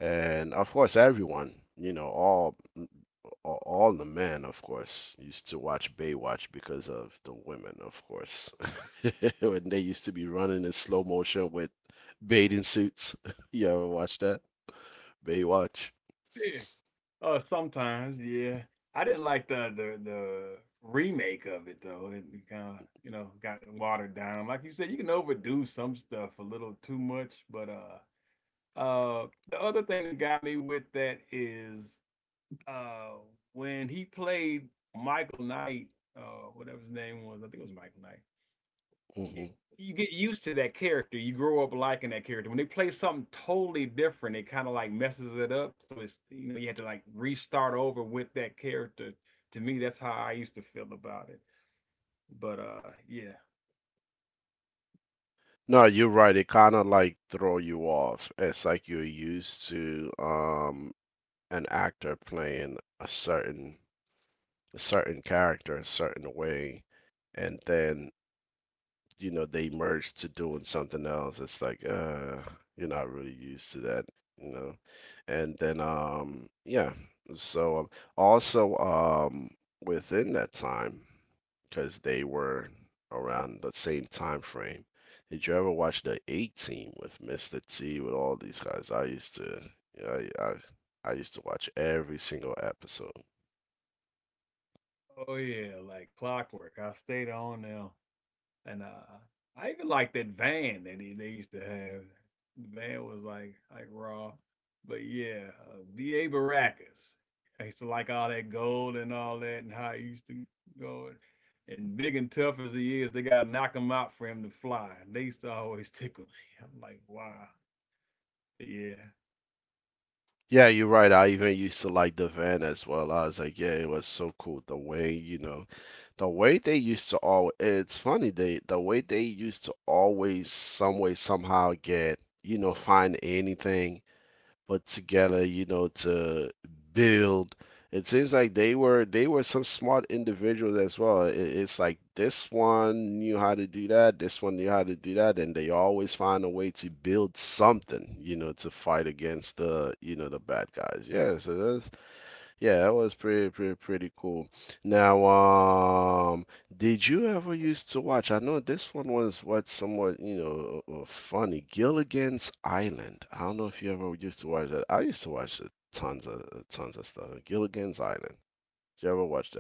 Speaker 1: and of course everyone, you know, all the men, of course, used to watch Baywatch because of the women, of course. When they used to be running in slow motion with bathing suits. You ever watch that? Baywatch.
Speaker 2: Yeah, sometimes, yeah. I didn't like the remake of it though. It kind of, you know, got watered down. Like you said, you can overdo some stuff a little too much, but the other thing that got me with that is uh when he played Michael Knight, whatever his name was, I think it was Michael Knight it-
Speaker 1: Mm-hmm.
Speaker 2: you get used to that character. You grow up liking that character. When they play something totally different, it kind of like messes it up. So it's you know you have to like restart over with that character. To me, that's how I used to feel about it. But yeah,
Speaker 1: No, you're right. It kind of like throw you off. It's like you're used to an actor playing a certain character a certain way, and then you know they merged to doing something else. It's like you're not really used to that, you know. And then yeah. So also, within that time, because they were around the same time frame, did you ever watch the A Team with Mr. T with all these guys? I used to, yeah, I used to watch every single episode.
Speaker 2: oh yeah, like clockwork. I stayed on now. And I even like that van that he, they used to have. The van was like raw, but yeah, B.A. Baracus. I used to like all that gold and all that, and how he used to go. And, big and tough as he is, they gotta knock him out for him to fly. They used to always tickle me. I'm like, wow, but yeah.
Speaker 1: Yeah, you're right. I even used to like the van as well. I was like, yeah, it was so cool the way, you know, the way they used to all it's funny they the way they used to always some way somehow get, you know, find anything put together, you know, to build. It seems like they were some smart individuals as well. It's like this one knew how to do that, this one knew how to do that, and they always find a way to build something, you know, to fight against the, you know, the bad guys. Yeah, so that's, yeah, that was pretty, pretty, pretty cool. Now, did you ever used to watch? I know this one was what somewhat, you know, funny. Gilligan's Island. I don't know if you ever used to watch that. I used to watch it, tons of stuff. Gilligan's Island. Did you ever watch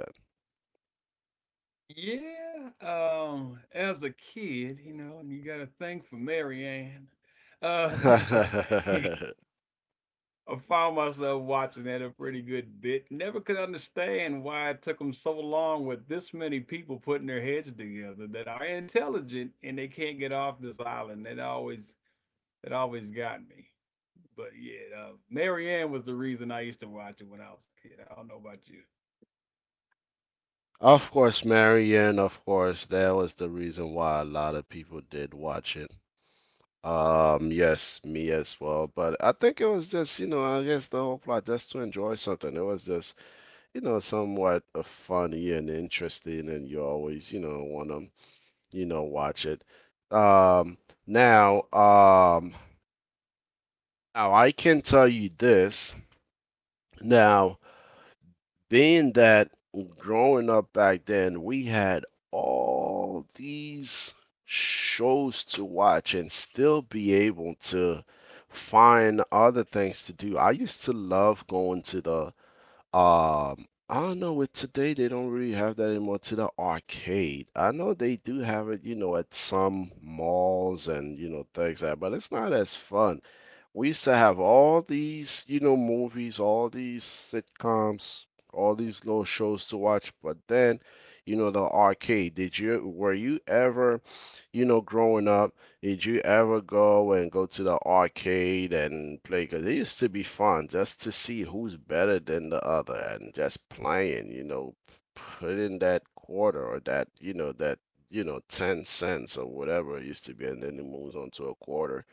Speaker 2: Yeah, as a kid, you know, you got a thing for Marianne. Uh, and
Speaker 1: that?
Speaker 2: I found myself watching that a pretty good bit. Never could understand why it took them so long with this many people putting their heads together that are intelligent and they can't get off this island. That always got me. But yeah, Marianne was the reason I used to watch it when I was a kid. I don't know about you.
Speaker 1: Of course, Marion, of course, that was the reason why a lot of people did watch it. Yes, me as well. But I think it was just, you know, I guess the whole plot just to enjoy something. It was just, you know, somewhat funny and interesting, and you always, you know, want to, you know, watch it. Um, now, um, now I can tell you this. Now, being that growing up back then, we had all these shows to watch and still be able to find other things to do. I used to love going to the I don't know, with today they don't really have that anymore, to the arcade. I know they do have it, you know, at some malls and you know things like that, but it's not as fun. We used to have all these, you know, movies, all these sitcoms, all these little shows to watch. But then, you know, the arcade. Did you were you ever, you know, growing up, did you ever go and go to the arcade and play? 'Cause it used to be fun just to see who's better than the other and just playing, you know, put in that quarter or that, you know, 10¢ or whatever it used to be, and then it moves on to a quarter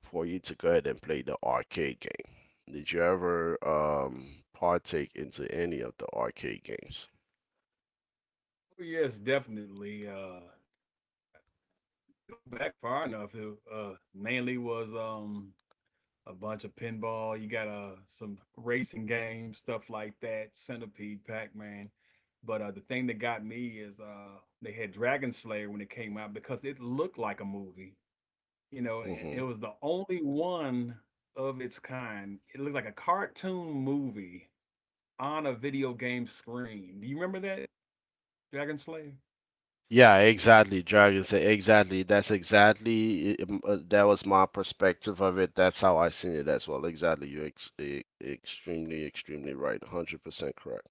Speaker 1: for you to go ahead and play the arcade game. Did you ever partake into any of the arcade games?
Speaker 2: Oh, yes, definitely. Go back far enough. It mainly was a bunch of pinball. You got some racing games, stuff like that. Centipede, Pac Man. But the thing that got me is they had Dragon Slayer when it came out because it looked like a movie, you know, and it
Speaker 1: Hmm
Speaker 2: was the only one of its kind. It looked like a cartoon movie on a video game screen. Do you remember that Dragon Slayer?
Speaker 1: Yeah, exactly, Dragons. Den. Exactly. That's exactly that was my perspective of it. That's how I seen it as well. Exactly. You're extremely right. 100% correct.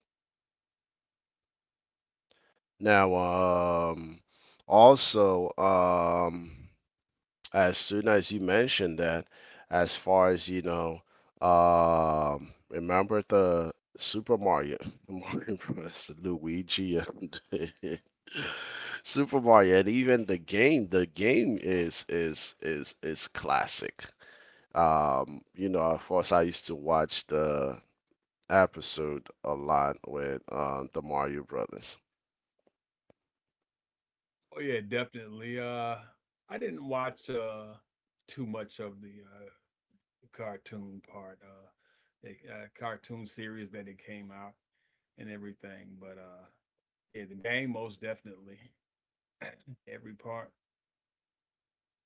Speaker 1: Now, um, also, as soon as you mentioned that, as far as you know, remember the Super Mario, Mario Bros, Luigi, and Super Mario, and even the game. The game is classic. You know, of course, I used to watch the episode a lot with the Mario Brothers.
Speaker 2: Oh yeah, definitely. I didn't watch too much of the uh, cartoon part, the cartoon series that it came out and everything. But yeah, the game most definitely every part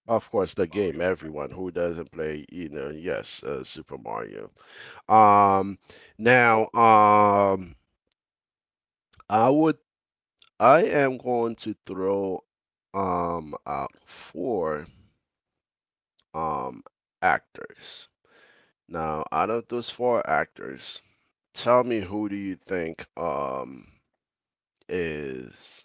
Speaker 1: Of course, the game.
Speaker 2: Mario.
Speaker 1: Everyone who doesn't play, you know, yes, Super Mario. Um, now, um, I would, I am going to throw out four um actors. Now, out of those four actors, tell me who do you think is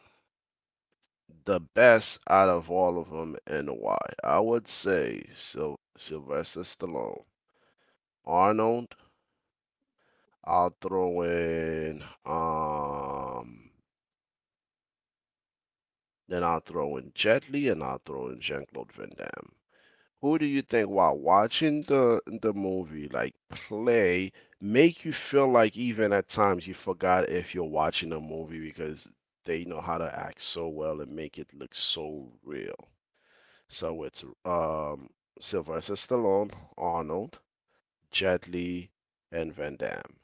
Speaker 1: the best out of all of them and why? I would say Sil Sylvester Stallone, Arnold. I'll throw in then I'll throw in Jet Li, and I'll throw in Jean Claude Van Damme. Who do you think, while watching the movie, like play, make you feel like even at times you forgot if you're watching a movie because they know how to act so well and make it look so real. So it's Sylvester Stallone, Arnold, Jet Li, and Van Damme.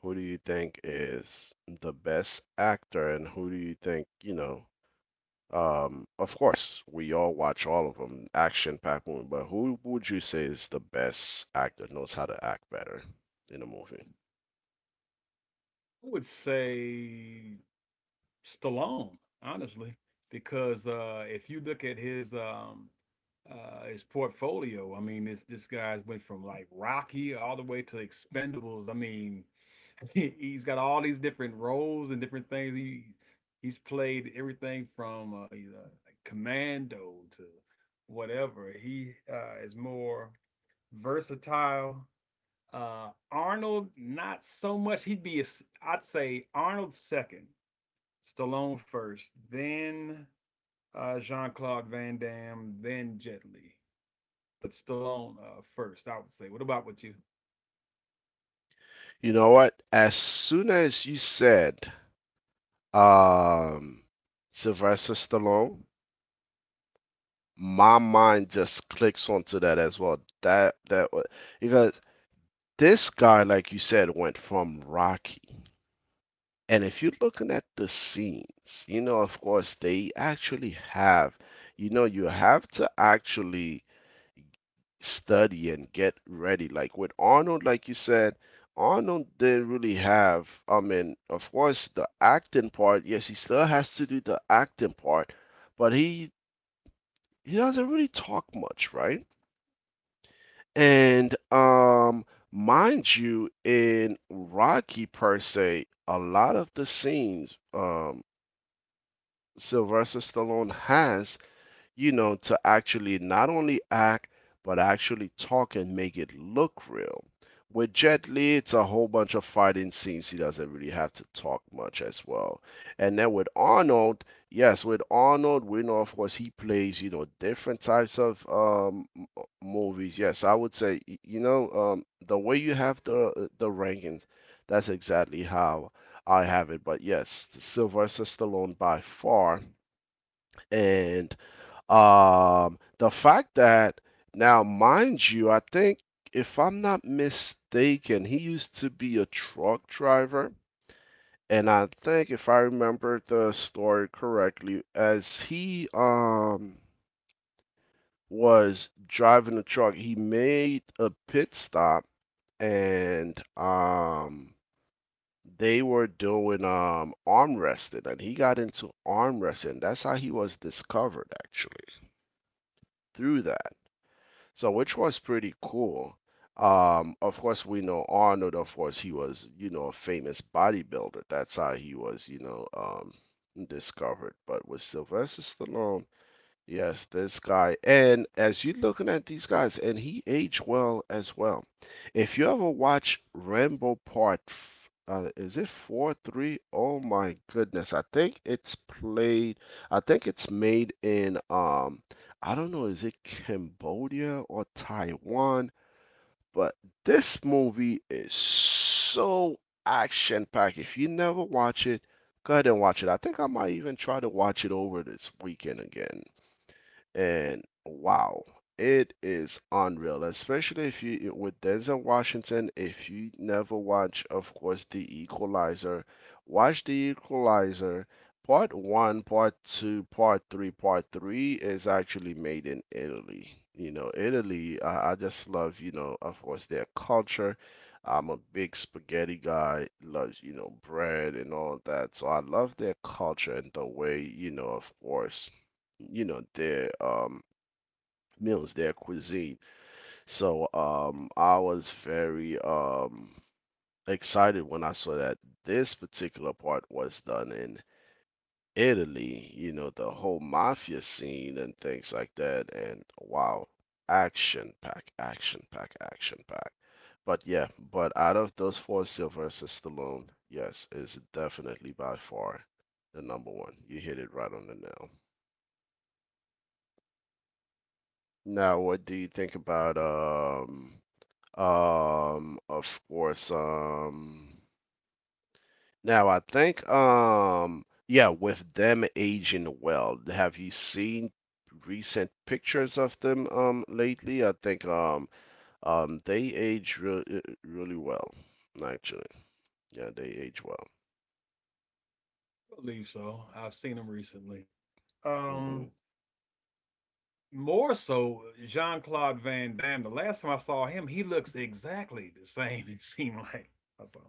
Speaker 1: Who do you think is the best actor, and who do you think, you know, of course, we all watch all of them, action-packed movie. But who would you say is the best actor, knows how to act better in a movie?
Speaker 2: I would say Stallone, honestly, because if you look at his portfolio, I mean, this guy's went from like Rocky all the way to Expendables. I mean, he's got all these different roles and different things. He's played everything from you know, like commando to whatever. He is more versatile. Arnold, not so much. He'd be, a, s- I'd say, Arnold second, Stallone first, then Jean Claude Van Damme, then Jet Li. But Stallone first, I would say. What about with you?
Speaker 1: You know what? As soon as you said um, Sylvester Stallone,
Speaker 2: Uh huh.
Speaker 1: my mind just clicks onto that as well. Because this guy, like you said, went from Rocky. And if you're looking at the scenes, you know, of course, they actually have, you know, you have to actually study and get ready. Like with Arnold, like you said, Arnold didn't really have, I mean, of course, the acting part. Yes, he still has to do the acting part, but he doesn't really talk much, right? And mind you, in Rocky per se, a lot of the scenes, Sylvester Stallone has, you know, to actually not only act, but actually talk and make it look real. With Jet Li, it's a whole bunch of fighting scenes. He doesn't really have to talk much as well. And then with Arnold, yes, with Arnold, we know, of course, he plays, you know, different types of movies. Yes, I would say, you know, the way you have the rankings, that's exactly how I have it. But yes, Sylvester Stallone by far. And the fact that now, mind you, I think if I'm not mistaken, he used to be a truck driver. And I think if I remember the story correctly, as he was driving the truck, he made a pit stop and they were doing arm wrestling and he got into arm wrestling. That's how he was discovered actually through that. So which was pretty cool. Of course, we know Arnold. Of course, he was, you know, a famous bodybuilder. That's how he was, discovered. But with Sylvester Stallone, yes, this guy. And as you're looking at these guys, and he aged well as well. If you ever watch Rambo Part, is it four, three? Oh my goodness! I think it's played. I think it's made in I don't know, is it Cambodia or Taiwan? But this movie is so action packed. If you never watch it, go ahead and watch it. I think I might even try to watch it over this weekend again and wow, it is unreal. Especially if you with Denzel Washington. If you never watch, of course, The Equalizer, watch The Equalizer. Part one, part two, part three. Part three is actually made in Italy. You know, Italy. I just love, you know, of course, their culture. I'm a big spaghetti guy, loves, you know, bread and all of that. So I love their culture and the way, you know, of course, you know their meals, their cuisine. So I was very excited when I saw that this particular part was done in Italy, you know, the whole mafia scene and things like that and wow, action pack, action pack, action pack. But yeah, but out of those four, Sylvester Stallone, yes, is definitely by far the number one. You hit it right on the nail. Now, what do you think about of course. Now I think yeah, with them aging well, have you seen recent pictures of them lately? I think they age re really well, actually. Yeah, they age well.
Speaker 2: I believe so. I've seen him recently.
Speaker 1: Hmm.
Speaker 2: Um, More so, Jean-Claude Van Damme, the last time I saw him, he looks exactly the same, it seemed like. I saw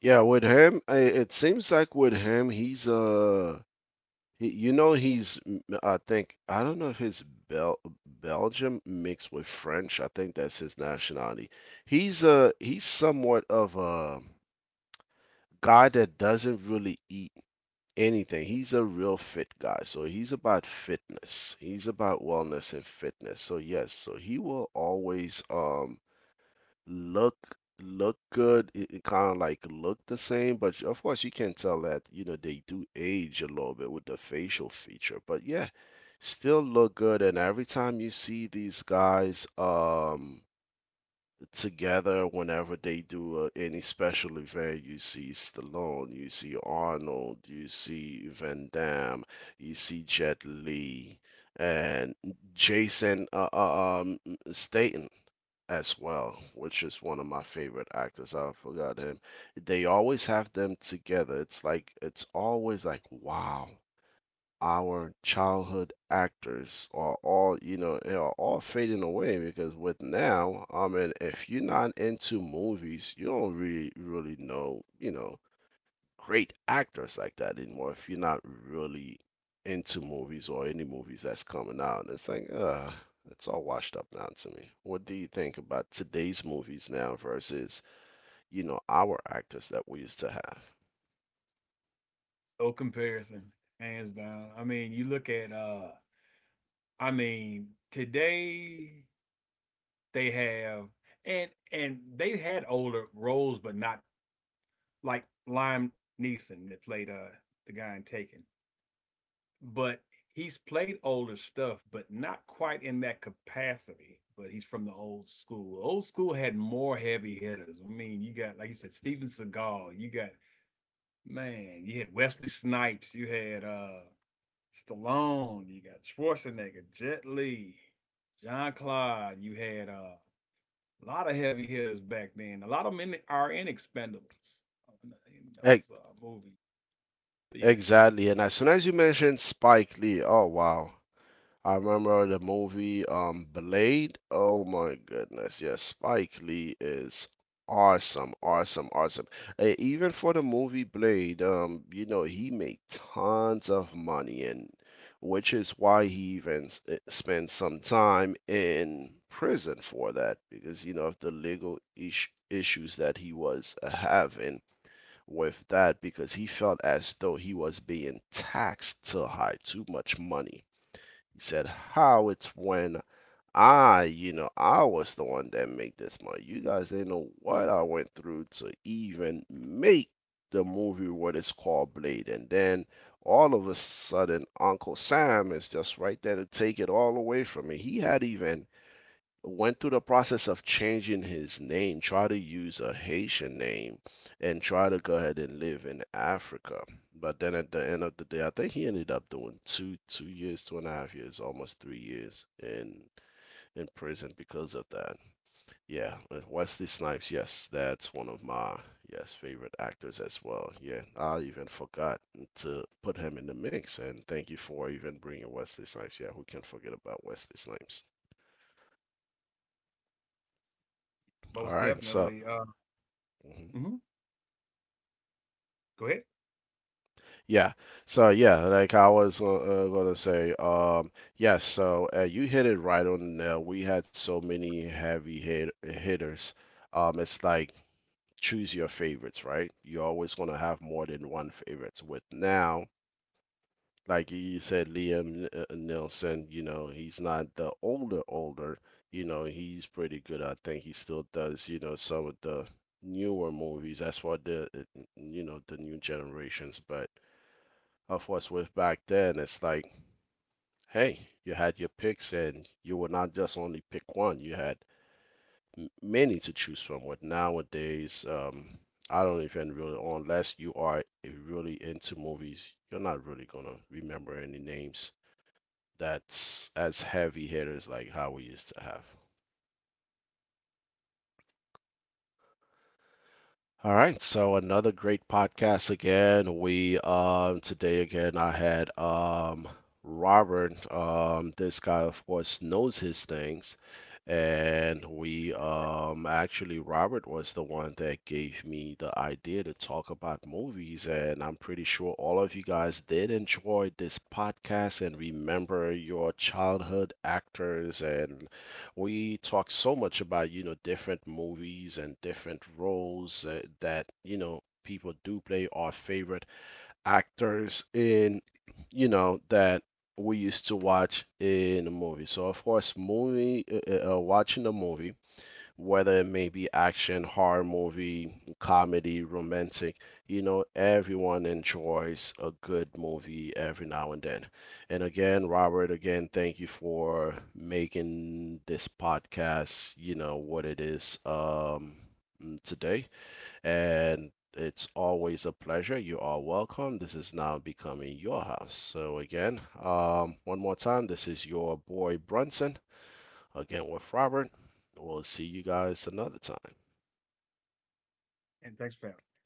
Speaker 1: Yeah, with him, it seems like with him, he's, you know, I think, I don't know if it's Bel Belgium mixed with French. I think that's his nationality. He's somewhat of a guy that doesn't really eat anything. He's a real fit guy. So he's about fitness. He's about wellness and fitness. So yes, so he will always, look good. It kind of like look the same, but of course you can tell that, you know, they do age a little bit with the facial feature. But yeah, still look good. And every time you see these guys together, whenever they do any special event, you see Stallone, you see Arnold, you see Van Damme, you see Jet Li, and Jason Statham as well, which is one of my favorite actors. I forgot him. They always have them together. It's like it's always like wow, our childhood actors are all you know they are all fading away because with now, I mean, if you're not into movies, you don't really know you know great actors like that anymore if you're not really into movies or any movies that's coming out. It's like, it's all washed up now to me. What do you think about today's movies now versus, you know, our actors that we used to have?
Speaker 2: no comparison, hands down. I mean, you look at I mean, today they have and they had older roles, but not like Liam Neeson that played the guy in Taken. But he's played older stuff, but not quite in that capacity. But he's from the old school. Old school had more heavy hitters. I mean, you got like you said, Steven Seagal. You got man. You had Wesley Snipes. You had Stallone. You got Schwarzenegger, Jet Li, John Claude. You had a lot of heavy hitters back then. A lot of them in are in Expendables in
Speaker 1: Ex-
Speaker 2: those movies. But yeah,
Speaker 1: Exactly. And as soon as you mentioned Spike Lee, oh wow. I remember the movie Blade. Oh my goodness, yes, Spike Lee is awesome, awesome, awesome. Eh, even for the movie Blade, you know, he made tons of money and which is why he even spent some time in prison for that because you know of the legal ish issues that he was having with that because he felt as though he was being taxed too high, too much money. He said, how it's when I, you know, I was the one that made this money. You guys didn't know what I went through to even make the movie what is called Blade. And then all of a sudden, Uncle Sam is just right there to take it all away from me. He had even went through the process of changing his name, try to use a Haitian name and try to go ahead and live in Africa. But then at the end of the day, I think he ended up doing two years, two and a half years, almost three years in prison because of that. Yeah, Wesley Snipes, yes, that's one of my yes favorite actors as well. Yeah, I even forgot to put him in the mix, and thank you for even bringing Wesley Snipes. Yeah, who can forget about Wesley Snipes? All
Speaker 2: most
Speaker 1: right, so.
Speaker 2: definitely.
Speaker 1: Mhm.
Speaker 2: Mhm. Go ahead
Speaker 1: Yeah. So yeah, like I was gonna say, yes. So you hit it right on the nail. We had so many heavy hitters. It's like choose your favorites, right? You're always gonna have more than one favorites. With now, like you said, Liam Nelson. You know, he's not the older older. You know, he's pretty good. I think he still does. You know, some of the newer movies. That's what the you know the new generations, but of what's with back then. It's like, hey, you had your picks and you were not just only pick one, you had many to choose from. With nowadays, I don't even really, unless you are really into movies, you're not really gonna remember any names that's as heavy hitters like how we used to have. All right, so another great podcast again. We today again I had Robert. This guy of course knows his things and we actually Robert was the one that gave me the idea to talk about movies and I'm pretty sure all of you guys did enjoy this podcast and remember your childhood actors and we talk so much about you know different movies and different roles that you know people do play our favorite actors in you know that we used to watch in a movie so of course movie watching a movie whether it may be action, horror movie, comedy, romantic, you know, everyone enjoys a good movie every now and then. And again, Robert, again, thank you for making this podcast, you know, what it is today. And it's always a pleasure. You are welcome. This is now becoming your house. So, again, one more time, this is your boy Brunson. Again with Robert, we'll see you guys another time.
Speaker 2: and thanks for having. Me.